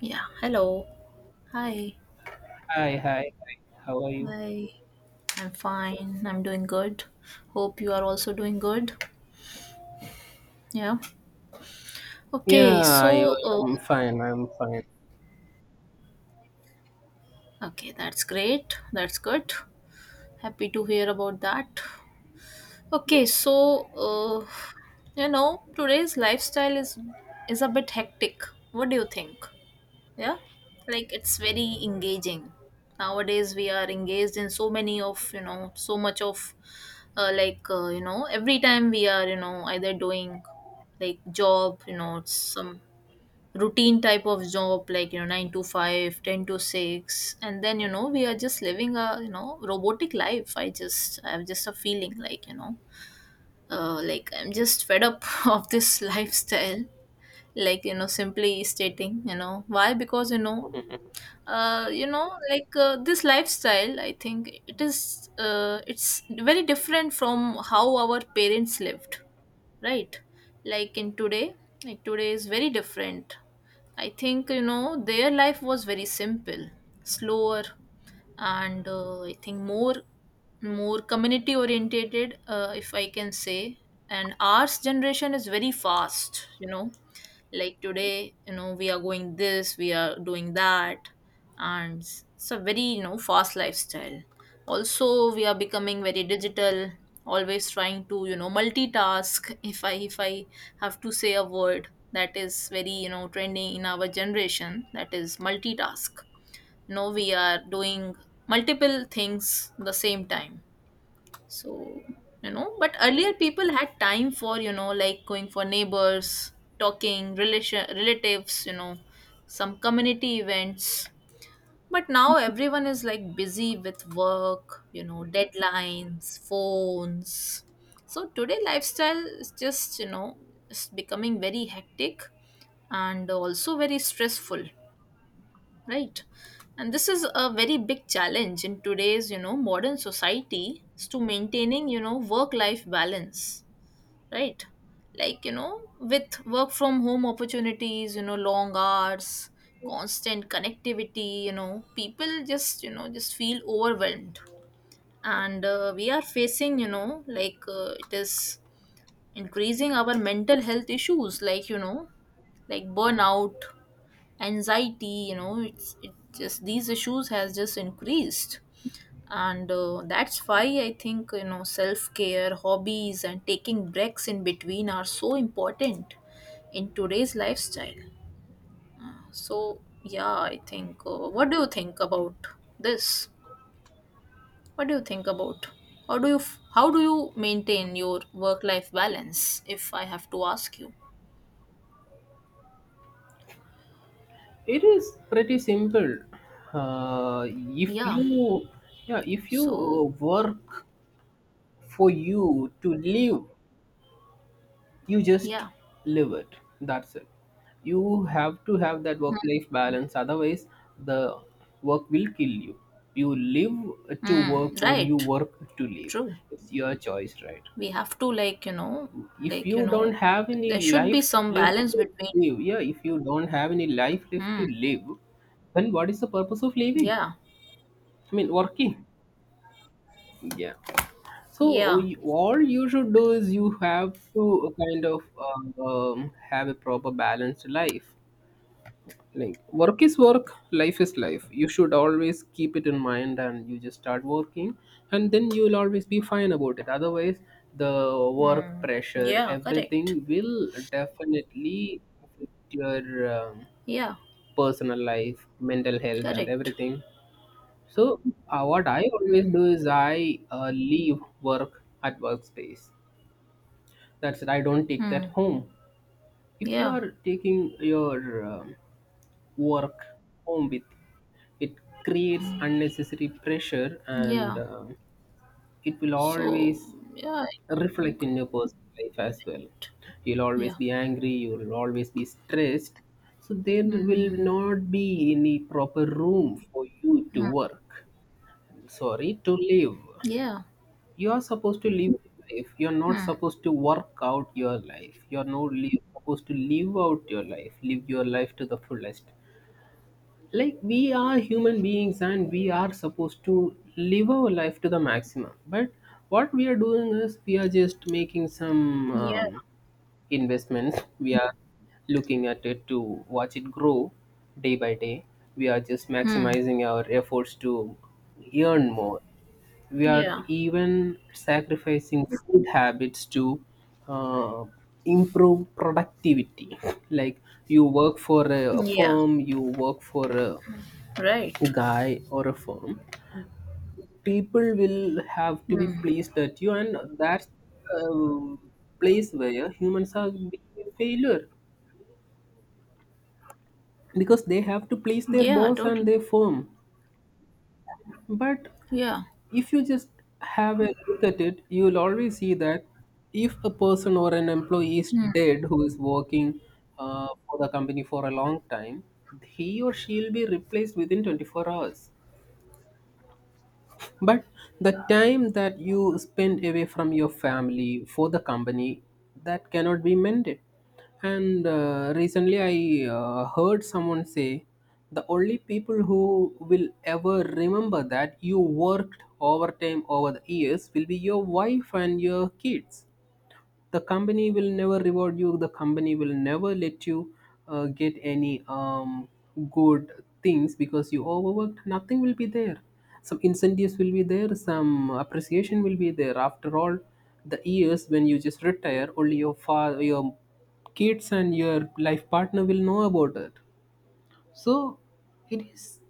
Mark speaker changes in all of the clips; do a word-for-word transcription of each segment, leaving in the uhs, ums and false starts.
Speaker 1: Yeah, hello. Hi.
Speaker 2: Hi, hi, hi. How are you?
Speaker 1: Hi. I'm fine. I'm doing good. Hope you are also doing good. Yeah.
Speaker 2: Yeah,
Speaker 1: Okay,
Speaker 2: I,
Speaker 1: so uh,
Speaker 2: I'm fine. I'm fine.
Speaker 1: okay, that's great. That's good. Happy to hear about that. Okay, so uh, you know, today's lifestyle is is a bit hectic. What do you think? Yeah, like it's very engaging. Nowadays we are engaged in so many of, you know so much of, uh, like uh, you know every time we are, you know either doing like job, you know it's some routine type of job, like, you know nine to five, ten to six, and then, you know we are just living a, you know robotic life. I just i have just a feeling like, you know uh, like i'm just fed up of this lifestyle, like, you know simply stating, you know why, because, you know uh, you know like uh, this lifestyle, I think it is, uh, it's very different from how our parents lived. Right. Like in today, like today is very different. I think, you know their life was very simple, slower, and uh, I think more, more community orientated, uh, if I can say. And ours generation is very fast, you know like today, you know we are going this, we are doing that, and it's a very, you know fast lifestyle. Also we are becoming very digital, always trying to, you know multitask. if i if i have to say a word that is very, you know trending in our generation, that is multitask. You, we are doing multiple things the same time. So, you know but earlier people had time for, you know like going for neighbors, talking relation relatives, you know some community events. But now everyone is like busy with work, you know deadlines, phones. So today lifestyle is just, you know it's becoming very hectic, and also very stressful. Right. And this is a very big challenge in today's, you know modern society, is to maintaining, you know work life balance. Right. Like, you know with work from home opportunities, you know long hours, constant connectivity, you know people just, you know just feel overwhelmed. And uh, we are facing, you know like uh, it is increasing our mental health issues, like, you know like burnout, anxiety, you know it's it just these issues has just increased. And uh, that's why I think, you know self care hobbies and taking breaks in between are so important in today's lifestyle. So yeah, I think, uh, what do you think about this? What do you think about, how do you f- how do you maintain your work life balance, if I have to ask you?
Speaker 2: It is pretty simple. Uh, if
Speaker 1: Yeah.
Speaker 2: you, yeah, if you uh,
Speaker 1: So.
Speaker 2: work for you to live, you just
Speaker 1: Yeah.
Speaker 2: live it. That's it. You have to have that work-life balance. Otherwise, the work will kill you. You live to
Speaker 1: Mm,
Speaker 2: work or you
Speaker 1: right.
Speaker 2: work to live.
Speaker 1: True.
Speaker 2: It's your choice, right?
Speaker 1: We have to like, you know
Speaker 2: if
Speaker 1: like, you
Speaker 2: you don't
Speaker 1: know
Speaker 2: have any
Speaker 1: there should be
Speaker 2: life
Speaker 1: some
Speaker 2: left
Speaker 1: balance
Speaker 2: to
Speaker 1: between.
Speaker 2: live, yeah, If you don't have any life left
Speaker 1: Hmm.
Speaker 2: to live, then what is the purpose of living?
Speaker 1: Yeah.
Speaker 2: I mean, working. Yeah. So
Speaker 1: Yeah.
Speaker 2: you- all you should do is you have to kind of um, um, have a proper balanced life. Like work is work, life is life, you should always keep it in mind and you just start working, and then you'll always be fine about it. Otherwise the work
Speaker 1: Hmm.
Speaker 2: pressure,
Speaker 1: Yeah, correct.
Speaker 2: everything will definitely affect your um,
Speaker 1: Yeah.
Speaker 2: personal life, mental health and
Speaker 1: Correct.
Speaker 2: everything. So uh, what I always do is i uh, leave work at workspace. That's it, I don't take that
Speaker 1: Hmm.
Speaker 2: home. If you
Speaker 1: Yeah.
Speaker 2: are taking your um, work home with it, creates unnecessary pressure, and
Speaker 1: Yeah,
Speaker 2: um, it will always
Speaker 1: so yeah, I
Speaker 2: reflect
Speaker 1: think.
Speaker 2: in your personal life as well. You'll always
Speaker 1: Yeah.
Speaker 2: be angry, you'll always be stressed. So there
Speaker 1: Hmm.
Speaker 2: will not be any proper room for you to work, sorry, to live.
Speaker 1: Yeah.
Speaker 2: You are supposed to live your life, you're not
Speaker 1: Hmm.
Speaker 2: supposed to work out your life, you're not li- supposed to live out your life, live your life to the fullest. Like we are human beings and we are supposed to live our life to the maximum. But what we are doing is we are just making some
Speaker 1: Yeah.
Speaker 2: um, investments. We are looking at it to watch it grow day by day. We are just
Speaker 1: Hmm.
Speaker 2: maximizing our efforts to earn more. We are
Speaker 1: Yeah.
Speaker 2: even sacrificing food habits to uh, improve productivity. Like you work for a
Speaker 1: Yeah,
Speaker 2: firm, you work for a
Speaker 1: right.
Speaker 2: guy or a firm, people will have to be
Speaker 1: Hmm.
Speaker 2: pleased at you, and that's the um, place where humans are being a failure, because they have to please their
Speaker 1: Yeah,
Speaker 2: boss and
Speaker 1: totally.
Speaker 2: their firm. But
Speaker 1: Yeah.
Speaker 2: if you just have a look at it, you will always see that if a person or an employee is
Speaker 1: Hmm.
Speaker 2: dead who is working uh, for the company for a long time, he or she will be replaced within twenty-four hours. But the time that you spend away from your family for the company, that cannot be mended. And uh, recently I uh, heard someone say the only people who will ever remember that you worked overtime over the years will be your wife and your kids. The company will never reward you. The company will never let you uh, get any um, good things because you overworked. Nothing will be there. Some incentives will be there. Some appreciation will be there. After all, the years when you just retire, only your father, your kids, and your life partner will know about it. So it is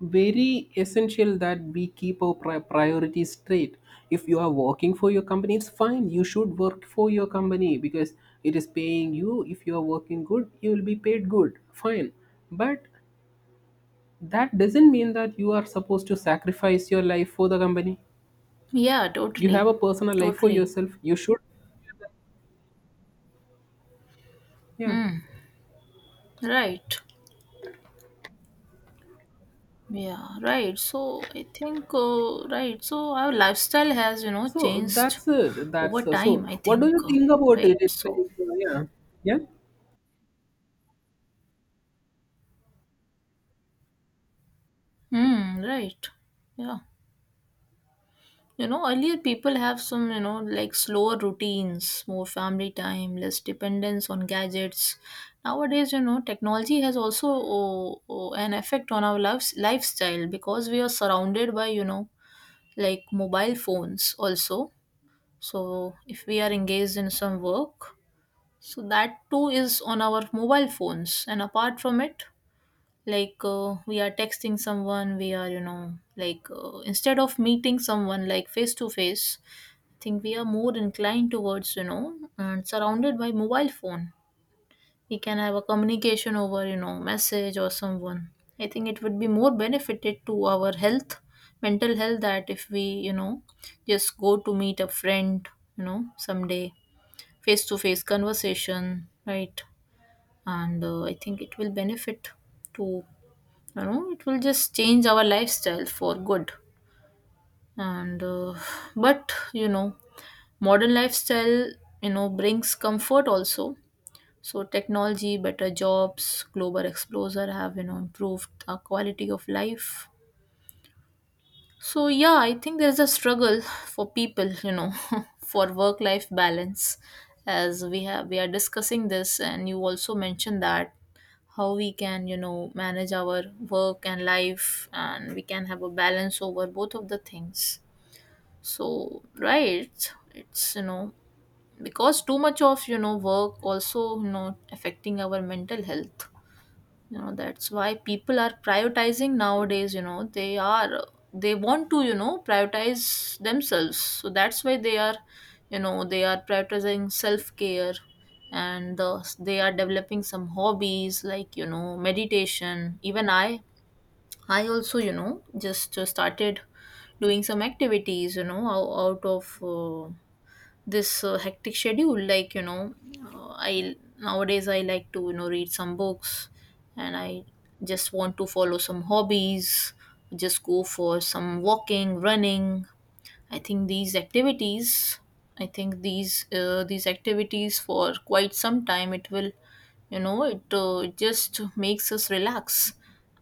Speaker 2: very essential that we keep our pri- priorities straight. If you are working for your company, it's fine, you should work for your company, because it is paying you. If you are working good, you will be paid good, fine. But that doesn't mean that you are supposed to sacrifice your life for the company.
Speaker 1: Yeah,
Speaker 2: You
Speaker 1: totally,
Speaker 2: have a personal life for
Speaker 1: totally.
Speaker 2: yourself, you should, yeah.
Speaker 1: Right. Yeah, right. So I think, uh, right. So our lifestyle has, you know,
Speaker 2: So
Speaker 1: changed
Speaker 2: that's it,
Speaker 1: over
Speaker 2: that's uh, so
Speaker 1: time, I
Speaker 2: what do you
Speaker 1: think. uh,
Speaker 2: think about it?
Speaker 1: Right.
Speaker 2: It's like
Speaker 1: So,
Speaker 2: uh, yeah, yeah.
Speaker 1: hmm, right. Yeah. You know, earlier people have some, you know, like slower routines, more family time, less dependence on gadgets. Nowadays, you know, technology has also oh, oh, an effect on our lives, lifestyle, because we are surrounded by, you know, like mobile phones also. So if we are engaged in some work, so that too is on our mobile phones. And apart from it, like uh, we are texting someone, we are, you know, like uh, instead of meeting someone like face to face, I think we are more inclined towards, you know, and surrounded by mobile phone. We can have a communication over, you know, message or someone. I think it would be more benefited to our health, mental health, that if we, you know, just go to meet a friend, you know, someday, face to face conversation, right? And uh, I think it will benefit to, you know it will just change our lifestyle for good. And uh, but, you know modern lifestyle, you know brings comfort also. So technology, better jobs, global exposure have, you know improved our quality of life. So yeah, I think there's a struggle for people, you know for work life balance, as we have we are discussing this. And you also mentioned that how we can, you know manage our work and life, and we can have a balance over both of the things. So right, it's, you know because too much of, you know work also, you know affecting our mental health. You know, that's why people are prioritizing nowadays, you know they are, they want to, you know prioritize themselves. So that's why they are, you know they are prioritizing self care. And uh, they are developing some hobbies, like, you know meditation. Even i i also, you know just uh, started doing some activities, you know ou- out of uh, this uh, hectic schedule, like, you know uh, I, nowadays I like to, you know read some books, and I just want to follow some hobbies, just go for some walking, running. I think these activities, I think these uh, these activities for quite some time, it will, you know it uh, just makes us relax.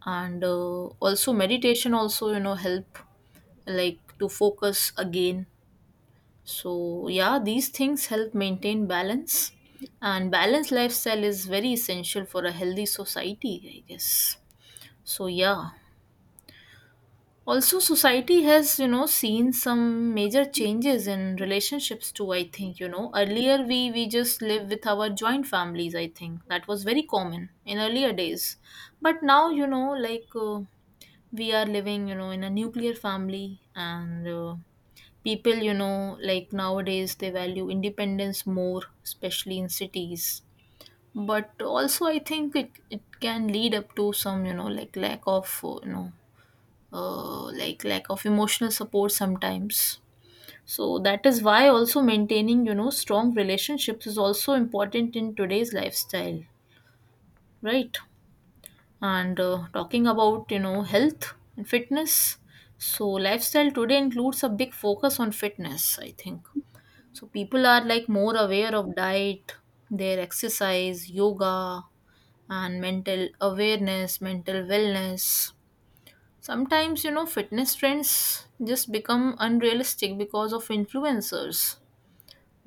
Speaker 1: And uh, also meditation also, you know help, like to focus again. So, yeah, these things help maintain balance, and balanced lifestyle is very essential for a healthy society, I guess. So, yeah. Also, society has, you know, seen some major changes in relationships too, I think, you know. Earlier, we, we just live with our joint families, I think. That was very common in earlier days. But now, you know, like uh, we are living, you know, in a nuclear family, and uh, people, you know, like nowadays they value independence more, especially in cities. But also, I think it, it can lead up to some, you know, like lack of, uh, you know, uh, like lack of emotional support sometimes. So that is why also maintaining, you know, strong relationships is also important in today's lifestyle, right? And uh, talking about, you know health and fitness, so lifestyle today includes a big focus on fitness, I think. So people are like more aware of diet, their exercise, yoga, and mental awareness, mental wellness. Sometimes, you know, fitness trends just become unrealistic because of influencers.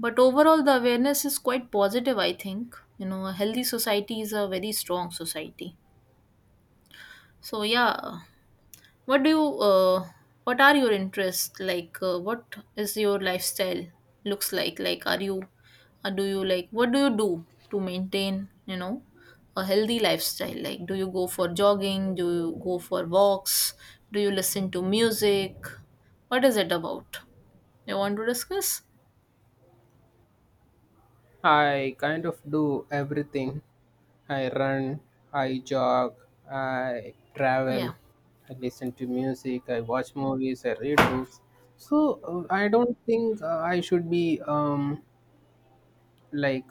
Speaker 1: But overall, the awareness is quite positive, I think. You know, a healthy society is a very strong society. So, yeah. What do you uh, what are your interests like? Uh, what is your lifestyle looks like? Like, are you, or do you like? What do you do to maintain? You know, a healthy lifestyle. Like, do you go for jogging? Do you go for walks? Do you listen to music? What is it about? You want to discuss?
Speaker 2: I kind of do everything. I run, I jog, I
Speaker 1: Yeah.
Speaker 2: travel, I listen to music, I watch movies, I read books. So uh, I don't think uh, I should be um, like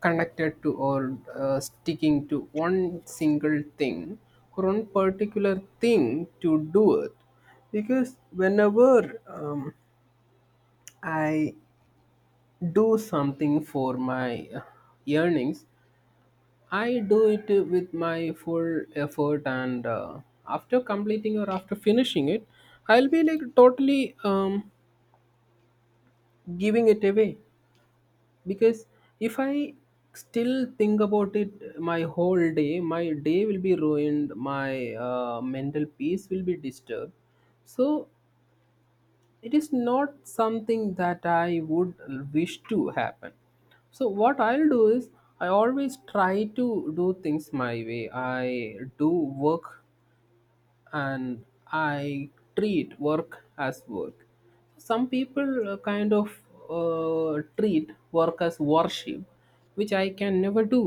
Speaker 2: connected to or uh, sticking to one single thing or one particular thing to do it. Because whenever um, I do something for my uh, earnings, I do it with my full effort, and uh, after completing or after finishing it, I'll be like totally um, giving it away. Because if I still think about it my whole day, my day will be ruined, my uh, mental peace will be disturbed. So it is not something that I would wish to happen. So what I'll do is I always try to do things my way. I do work, and I treat work as work. Some people uh, kind of uh, treat work as worship, which I can never do.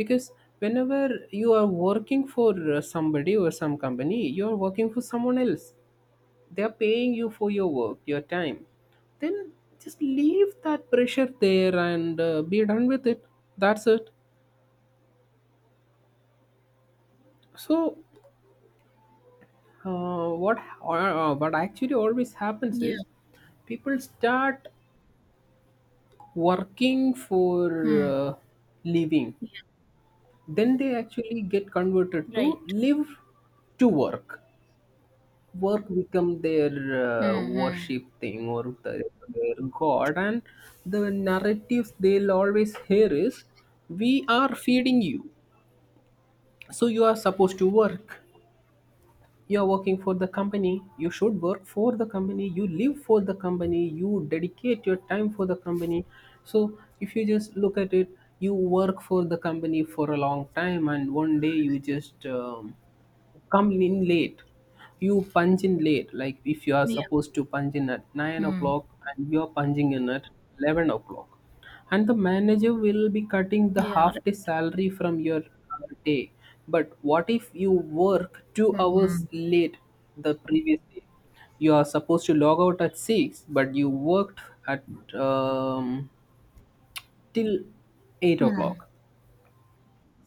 Speaker 2: Because whenever you are working for uh, somebody or some company, you are working for someone else, they're paying you for your work, your time. Then just leave that pressure there and uh, be done with it. That's it. So uh, what uh, what actually always happens
Speaker 1: Yeah.
Speaker 2: is people start working for
Speaker 1: Hmm.
Speaker 2: uh, living,
Speaker 1: Yeah.
Speaker 2: then they actually get converted to
Speaker 1: Right.
Speaker 2: live to work. Work become their uh,
Speaker 1: Mm-hmm.
Speaker 2: worship thing, or the, their god. And the narratives they'll always hear is we are feeding you, so you are supposed to work. You're working for the company, you should work for the company, you live for the company, you dedicate your time for the company. So if you just look at it, you work for the company for a long time and one day you just um, come in late. You punch in late. Like if you are
Speaker 1: Yeah.
Speaker 2: supposed to punch in at nine
Speaker 1: Hmm.
Speaker 2: o'clock and you're punching in at eleven o'clock, and the manager will be cutting the
Speaker 1: Yeah.
Speaker 2: half day salary from your uh, day. But what if you work two
Speaker 1: Mm-hmm.
Speaker 2: hours late the previous day? You are supposed to log out at six but you worked at um, till eight
Speaker 1: Hmm.
Speaker 2: o'clock.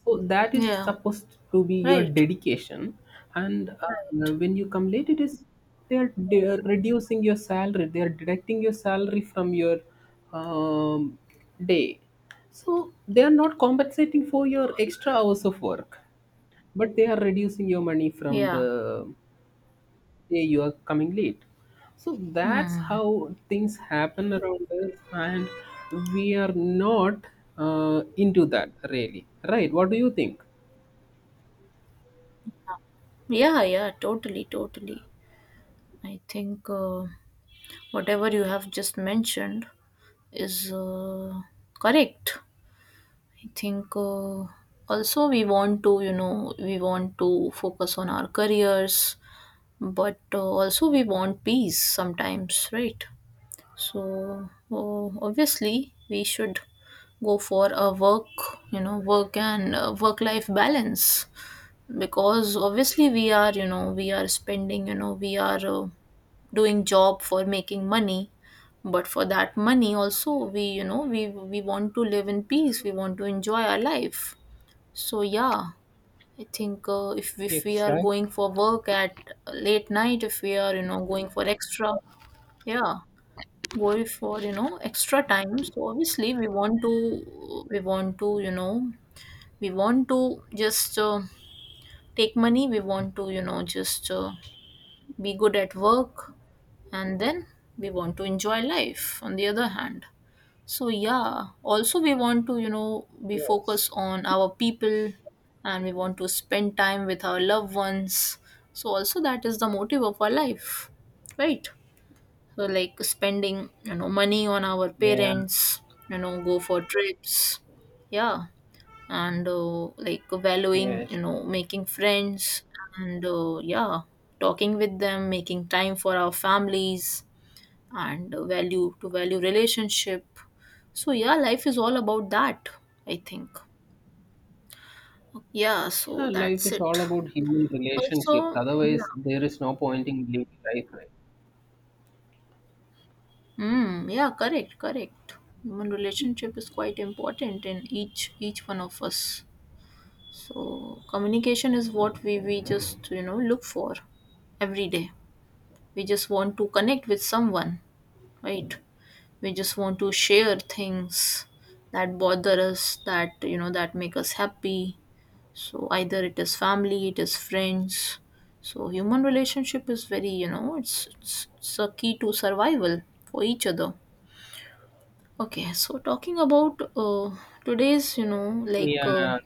Speaker 2: So that is
Speaker 1: Yeah.
Speaker 2: supposed to be your
Speaker 1: Right.
Speaker 2: dedication, and uh,
Speaker 1: Right.
Speaker 2: when you come late, it is, they are, they are reducing your salary. They are deducting your salary from your um, day, so they are not compensating for your extra hours of work, but they are reducing your money from
Speaker 1: Yeah.
Speaker 2: the day you are coming late. So that's
Speaker 1: Hmm.
Speaker 2: how things happen around us, and we are not uh, into that really, right? What do you think?
Speaker 1: Yeah, yeah, totally, totally. I think uh, whatever you have just mentioned is uh, correct. I think uh, also we want to, you know, we want to focus on our careers, but uh, also we want peace sometimes, right? So uh, obviously we should go for a work, you know, work and uh, work life balance, because obviously we are, you know we are spending, you know we are uh, doing job for making money. But for that money also we, you know we we want to live in peace, we want to enjoy our life. So yeah, I think uh, if if we are
Speaker 2: Exactly.
Speaker 1: going for work at late night, if we are, you know going for extra, yeah, going for, you know extra time. So obviously we want to, we want to, you know we want to just uh, take money, we want to, you know just uh, be good at work, and then we want to enjoy life on the other hand. So yeah, also we want to, you know be
Speaker 2: Yes.
Speaker 1: focused on our people, and we want to spend time with our loved ones. So also that is the motive of our life, right? So like spending, you know money on our
Speaker 2: Yeah.
Speaker 1: parents, you know go for trips, yeah. And uh, like valuing,
Speaker 2: Yes.
Speaker 1: you know making friends, and uh, yeah, talking with them, making time for our families, and uh, value to value relationship. So yeah, life is all about that, I think. Yeah, so
Speaker 2: Yeah. Life
Speaker 1: that's
Speaker 2: is
Speaker 1: it.
Speaker 2: all about human relationships.
Speaker 1: Also, yeah.
Speaker 2: Otherwise, there is no point in living life, right?
Speaker 1: Mm, yeah, correct, correct. Human relationship is quite important in each each one of us. So communication is what we we just, you know look for every day. We just want to connect with someone, right? We just want to share things that bother us, that, you know that make us happy. So either it is family, it is friends. So human relationship is very, you know it's it's, it's a key to survival for Each other. Okay, so talking about uh, today's you know like uh,
Speaker 2: Yeah.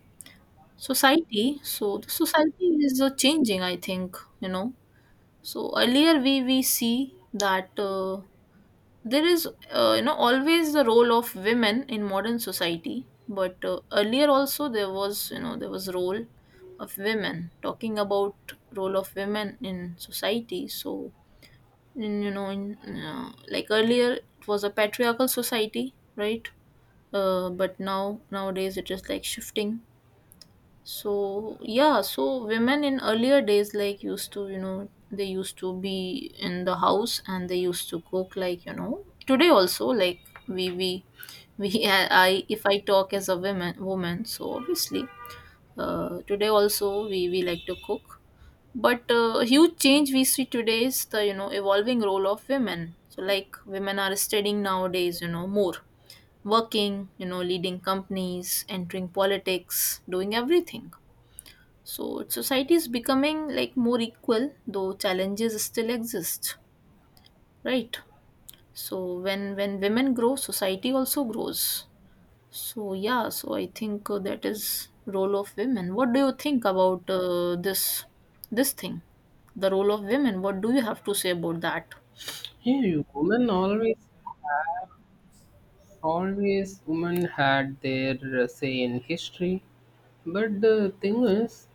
Speaker 1: society. So the society is uh, changing, I think, you know. So earlier we we see that uh, there is uh, you know, always the role of women in modern society, but uh, earlier also there was, you know, there was role of women, talking about role of women in society. So in, you know in uh, like earlier it was a patriarchal society, right? Uh, but now nowadays it is like shifting. So yeah, so women in earlier days like used to, you know, they used to be in the house and they used to cook, like, you know, today also like we we we I if I talk as a woman woman, so obviously uh, today also we we like to cook. But uh, a huge change we see today is the, you know, evolving role of women. So like women are studying nowadays, you know, more working, you know, leading companies, entering politics, doing everything. So society is becoming like more equal, though challenges still exist, right? So when when women grow, society also grows. So yeah, so I think uh, that is role of women. What do you think about uh, this this thing, the role of women? What do you have to say about that?
Speaker 2: Yeah. you- Women always, always, women had their uh, say in history. But the thing is,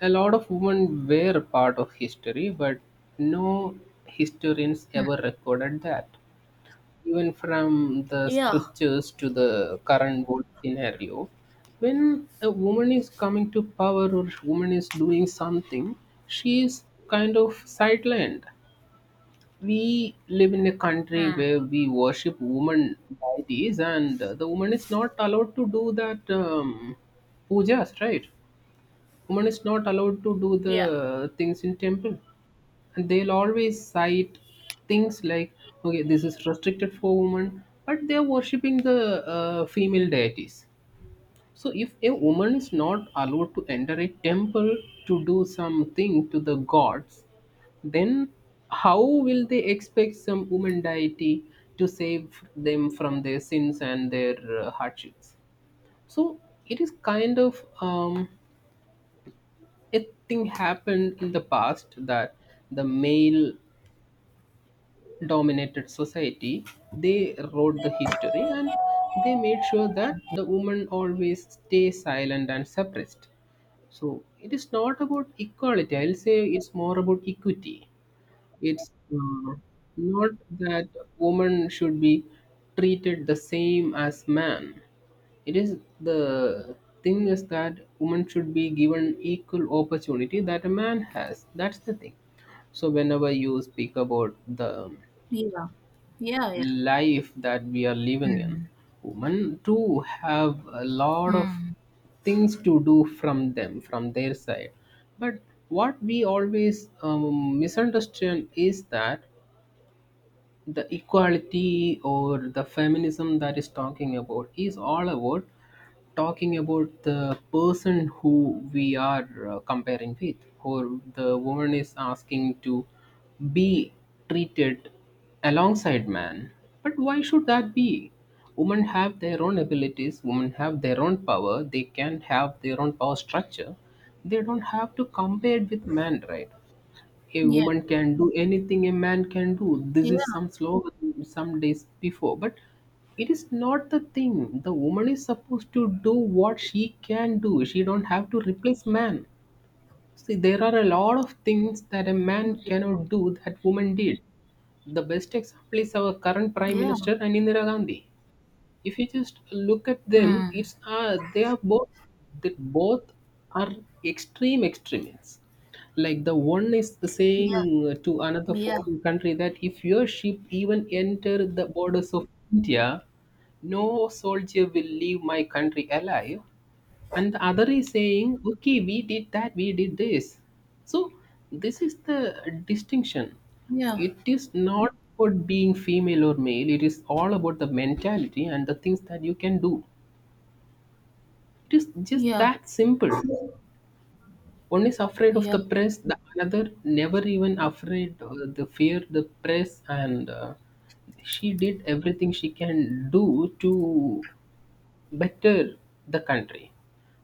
Speaker 2: a lot of women were a part of history, but no historians ever recorded that. Even from the
Speaker 1: Yeah.
Speaker 2: scriptures to the current world scenario, when a woman is coming to power or woman is doing something, she is kind of sidelined. We live in a country
Speaker 1: Mm.
Speaker 2: where we worship woman deities and uh, the woman is not allowed to do that um, pujas, right? Woman is not allowed to do
Speaker 1: Yeah.
Speaker 2: the things in temple, and they'll always cite things like okay this is restricted for women, but they're worshipping the uh, female deities. So if a woman is not allowed to enter a temple to do something to the gods, then how will they expect some woman deity to save them from their sins and their uh, hardships? So it is kind of um, a thing happened in the past that the male dominated society, they wrote the history and they made sure that the women always stay silent and suppressed. So it is not about equality, I'll say it's more about equity. It's uh, not that woman should be treated the same as man. It is the, thing is that woman should be given equal opportunity that a man has. That's the thing. So whenever you speak about the
Speaker 1: Yeah, yeah.
Speaker 2: life that we are living in, women too have a lot of
Speaker 1: Hmm.
Speaker 2: things to do from them from their side. But what we always um, misunderstand is that the equality or the feminism that is talking about is all about talking about the person who we are uh, comparing with, or the woman is asking to be treated alongside man. But why should that be? Women have their own abilities, women have their own power, they can have their own power structure. They don't have to compare it with man, right? A
Speaker 1: Yeah.
Speaker 2: woman can do anything a man can do.
Speaker 1: Mm.
Speaker 2: This
Speaker 1: Yeah,
Speaker 2: is
Speaker 1: yeah.
Speaker 2: some slogan some days before, but it is not the thing. The woman is supposed to do what she can do. She don't have to replace man. See, there are a lot of things that a man
Speaker 1: Mm.
Speaker 2: cannot do that woman did. The best example is our current prime
Speaker 1: Yeah.
Speaker 2: minister and Indira Gandhi. If you just look at them,
Speaker 1: Mm.
Speaker 2: it's uh, they are both, that both are extreme extremists. Like, the one is saying
Speaker 1: Yeah,
Speaker 2: to another
Speaker 1: yeah.
Speaker 2: foreign country that if your ship even enter the borders of india, no soldier will leave my country alive, and the other is saying, okay, we did that, we did this. So this is the distinction.
Speaker 1: Yeah.
Speaker 2: It is not about being female or male, it is all about the mentality and the things that you can do. It is just
Speaker 1: Yeah.
Speaker 2: that simple. One is afraid of
Speaker 1: Yeah.
Speaker 2: the press, the another never even afraid, uh, the fear the press, and uh, she did everything she can do to better the country.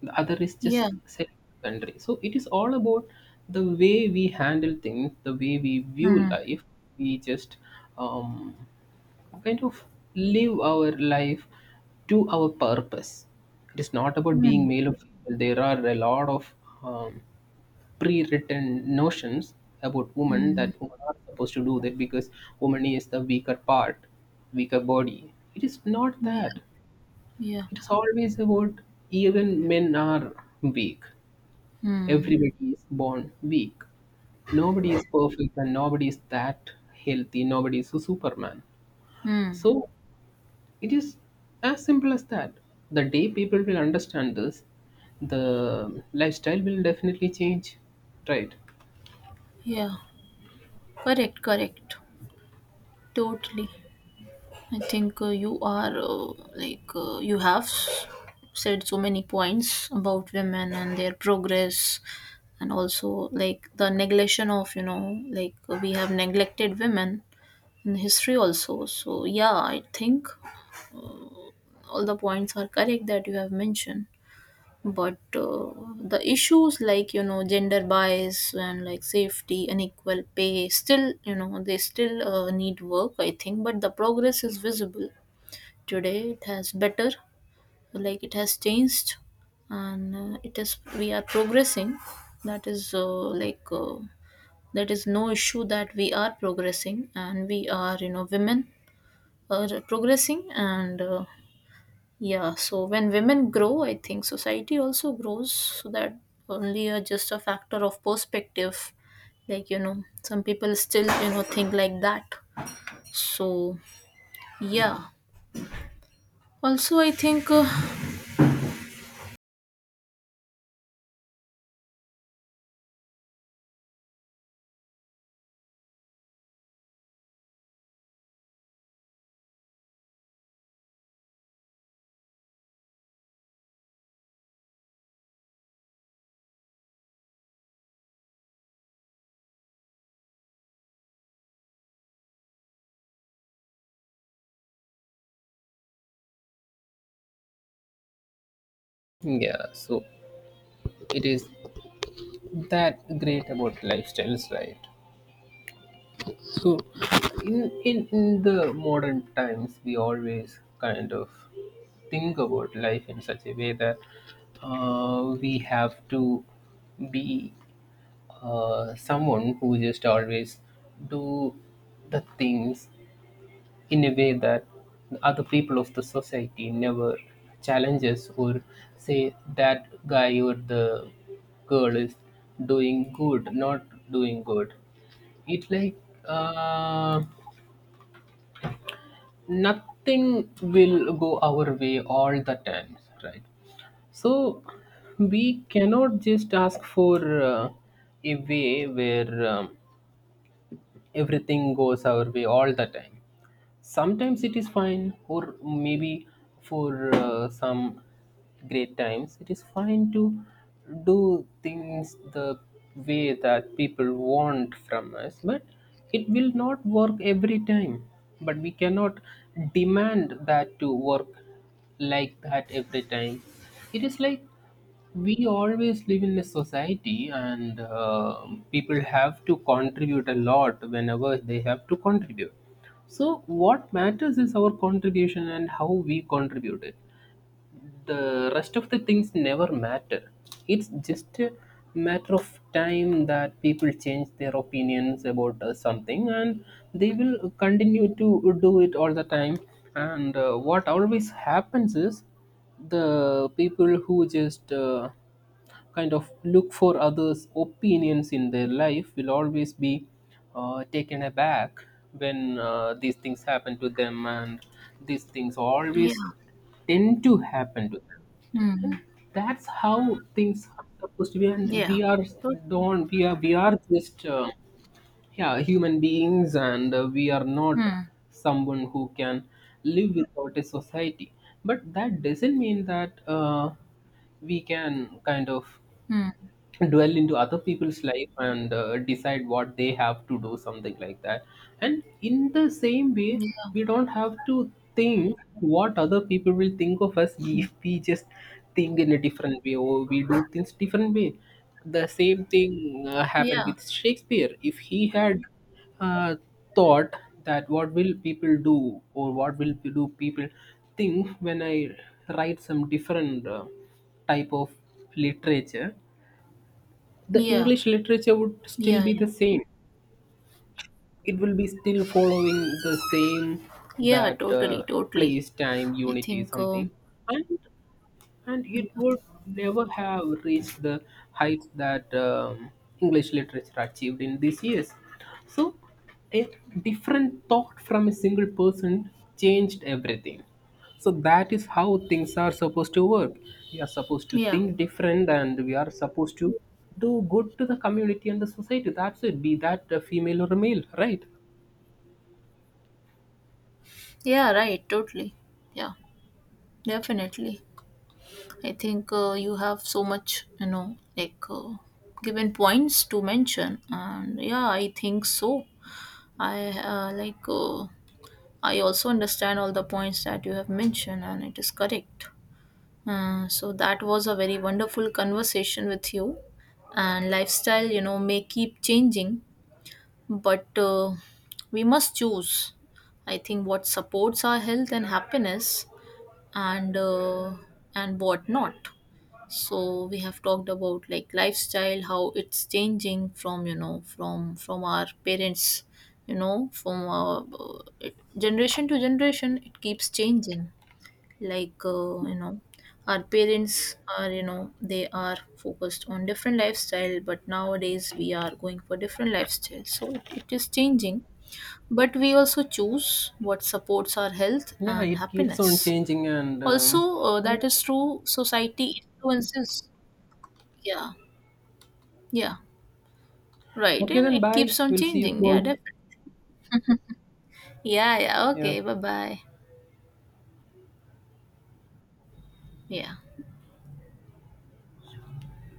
Speaker 2: The other is just
Speaker 1: Yeah.
Speaker 2: selling the country. So it is all about the way we handle things, the way we view
Speaker 1: Mm.
Speaker 2: life. We just um, kind of live our life to our purpose. It is not about being
Speaker 1: Mm.
Speaker 2: male or female. There are a lot of um, pre-written notions about women,
Speaker 1: Mm.
Speaker 2: that women are supposed to do that because woman is the weaker part, weaker body. It is not
Speaker 1: Yeah,
Speaker 2: that.
Speaker 1: yeah.
Speaker 2: It is always about, even men are weak.
Speaker 1: Mm.
Speaker 2: Everybody is born weak. Nobody is perfect and nobody is that healthy. Nobody is a superman.
Speaker 1: Mm.
Speaker 2: So it is as simple as that. The day people will understand this, the lifestyle will definitely change, right?
Speaker 1: Yeah. Correct, correct. Totally. I think uh, you are uh, like uh, you have s- said so many points about women and their progress, and also like the neglection of, you know, like uh, we have neglected women in history also. So yeah, I think all the points are correct that you have mentioned. But uh, the issues like, you know, gender bias and like safety, unequal pay, still, you know, they still uh, need work, I think. But the progress is visible. Today it has better, like it has changed, and uh, it is, we are progressing. That is uh, like, uh, that is no issue, that we are progressing and we are, you know, women are progressing, and uh, yeah, so when women grow, I think society also grows, so that only are just a factor of perspective. Like, you know, some people still, you know, think like that. So, yeah. Also, I think, uh,
Speaker 2: Yeah, so it is that great about lifestyles, right? So, in, in, in the modern times, we always kind of think about life in such a way that uh, we have to be uh, someone who just always do the things in a way that other people of the society never challenges, or say that guy or the girl is doing good, not doing good. It like uh, nothing will go our way all the time, right? So we cannot just ask for uh, a way where um, everything goes our way all the time. Sometimes it is fine, or maybe for uh, some great times it is fine to do things the way that people want from us, but it will not work every time. But we cannot demand that to work like that every time. It is like, we always live in a society, and uh, people have to contribute a lot whenever they have to contribute. So, what matters is our contribution and how we contribute it. The rest of the things never matter. It's just a matter of time that people change their opinions about uh, something, and they will continue to do it all the time. And uh, what always happens is, the people who just uh, kind of look for others' opinions in their life will always be uh, taken aback when uh, these things happen to them, and these things always
Speaker 1: yeah.
Speaker 2: tend to happen to them. And
Speaker 1: Mm.
Speaker 2: that's how things are supposed to be. And
Speaker 1: Yeah,
Speaker 2: we are
Speaker 1: totally.
Speaker 2: don't we are we are just uh, yeah, human beings, and uh, we are not
Speaker 1: Hmm.
Speaker 2: someone who can live without a society. But that doesn't mean that Uh, we can kind of
Speaker 1: Hmm.
Speaker 2: dwell into other people's life and uh, decide what they have to do, something like that. And in the same way,
Speaker 1: Yeah,
Speaker 2: we don't have to think what other people will think of us if we just think in a different way, or we do things different way. The same thing uh, happened
Speaker 1: yeah.
Speaker 2: with Shakespeare. If he had uh, thought that what will people do, or what will do people think when I write some different uh, type of literature, the
Speaker 1: Yeah,
Speaker 2: English literature would still
Speaker 1: yeah.
Speaker 2: be
Speaker 1: Yeah,
Speaker 2: the same. It will be still following the same,
Speaker 1: yeah,
Speaker 2: that
Speaker 1: totally,
Speaker 2: uh,
Speaker 1: totally.
Speaker 2: place, time,
Speaker 1: I
Speaker 2: unity,
Speaker 1: think, uh,
Speaker 2: something. And and it would never have reached the heights that um, English literature achieved in these years. So, a different thought from a single person changed everything. So, that is how things are supposed to work. We are supposed to
Speaker 1: yeah,
Speaker 2: think different, and we are supposed to do good to the community and the society. That's it. Be that a female or a male, right?
Speaker 1: yeah, right, totally. Yeah, definitely. I think uh, you have so much, you know, like uh, given points to mention, and yeah, I think so. I uh, like uh, I also understand all the points that you have mentioned, and it is correct. Uh, so that was a very wonderful conversation with you, and lifestyle, you know, may keep changing, but uh, we must choose. I think what supports our health and happiness, and uh, and what not. So we have talked about like lifestyle, how it's changing from, you know, from from our parents, you know, from our uh, it- generation to generation, it keeps changing, like uh, you know, our parents are, you know, they are focused on different lifestyle, but nowadays we are going for different lifestyle. So it, it is changing, but we also choose what supports our health
Speaker 2: Yeah,
Speaker 1: and
Speaker 2: it keeps on
Speaker 1: happiness.
Speaker 2: changing, and
Speaker 1: Also
Speaker 2: um,
Speaker 1: uh,
Speaker 2: yeah.
Speaker 1: that is true, society influences. Yeah. Yeah. Right.
Speaker 2: Okay,
Speaker 1: And
Speaker 2: then
Speaker 1: it
Speaker 2: bye.
Speaker 1: keeps on
Speaker 2: We'll see you
Speaker 1: changing. Yeah,
Speaker 2: soon.
Speaker 1: definitely. Yeah, yeah.
Speaker 2: Yeah.
Speaker 1: Okay. Bye bye. Yeah.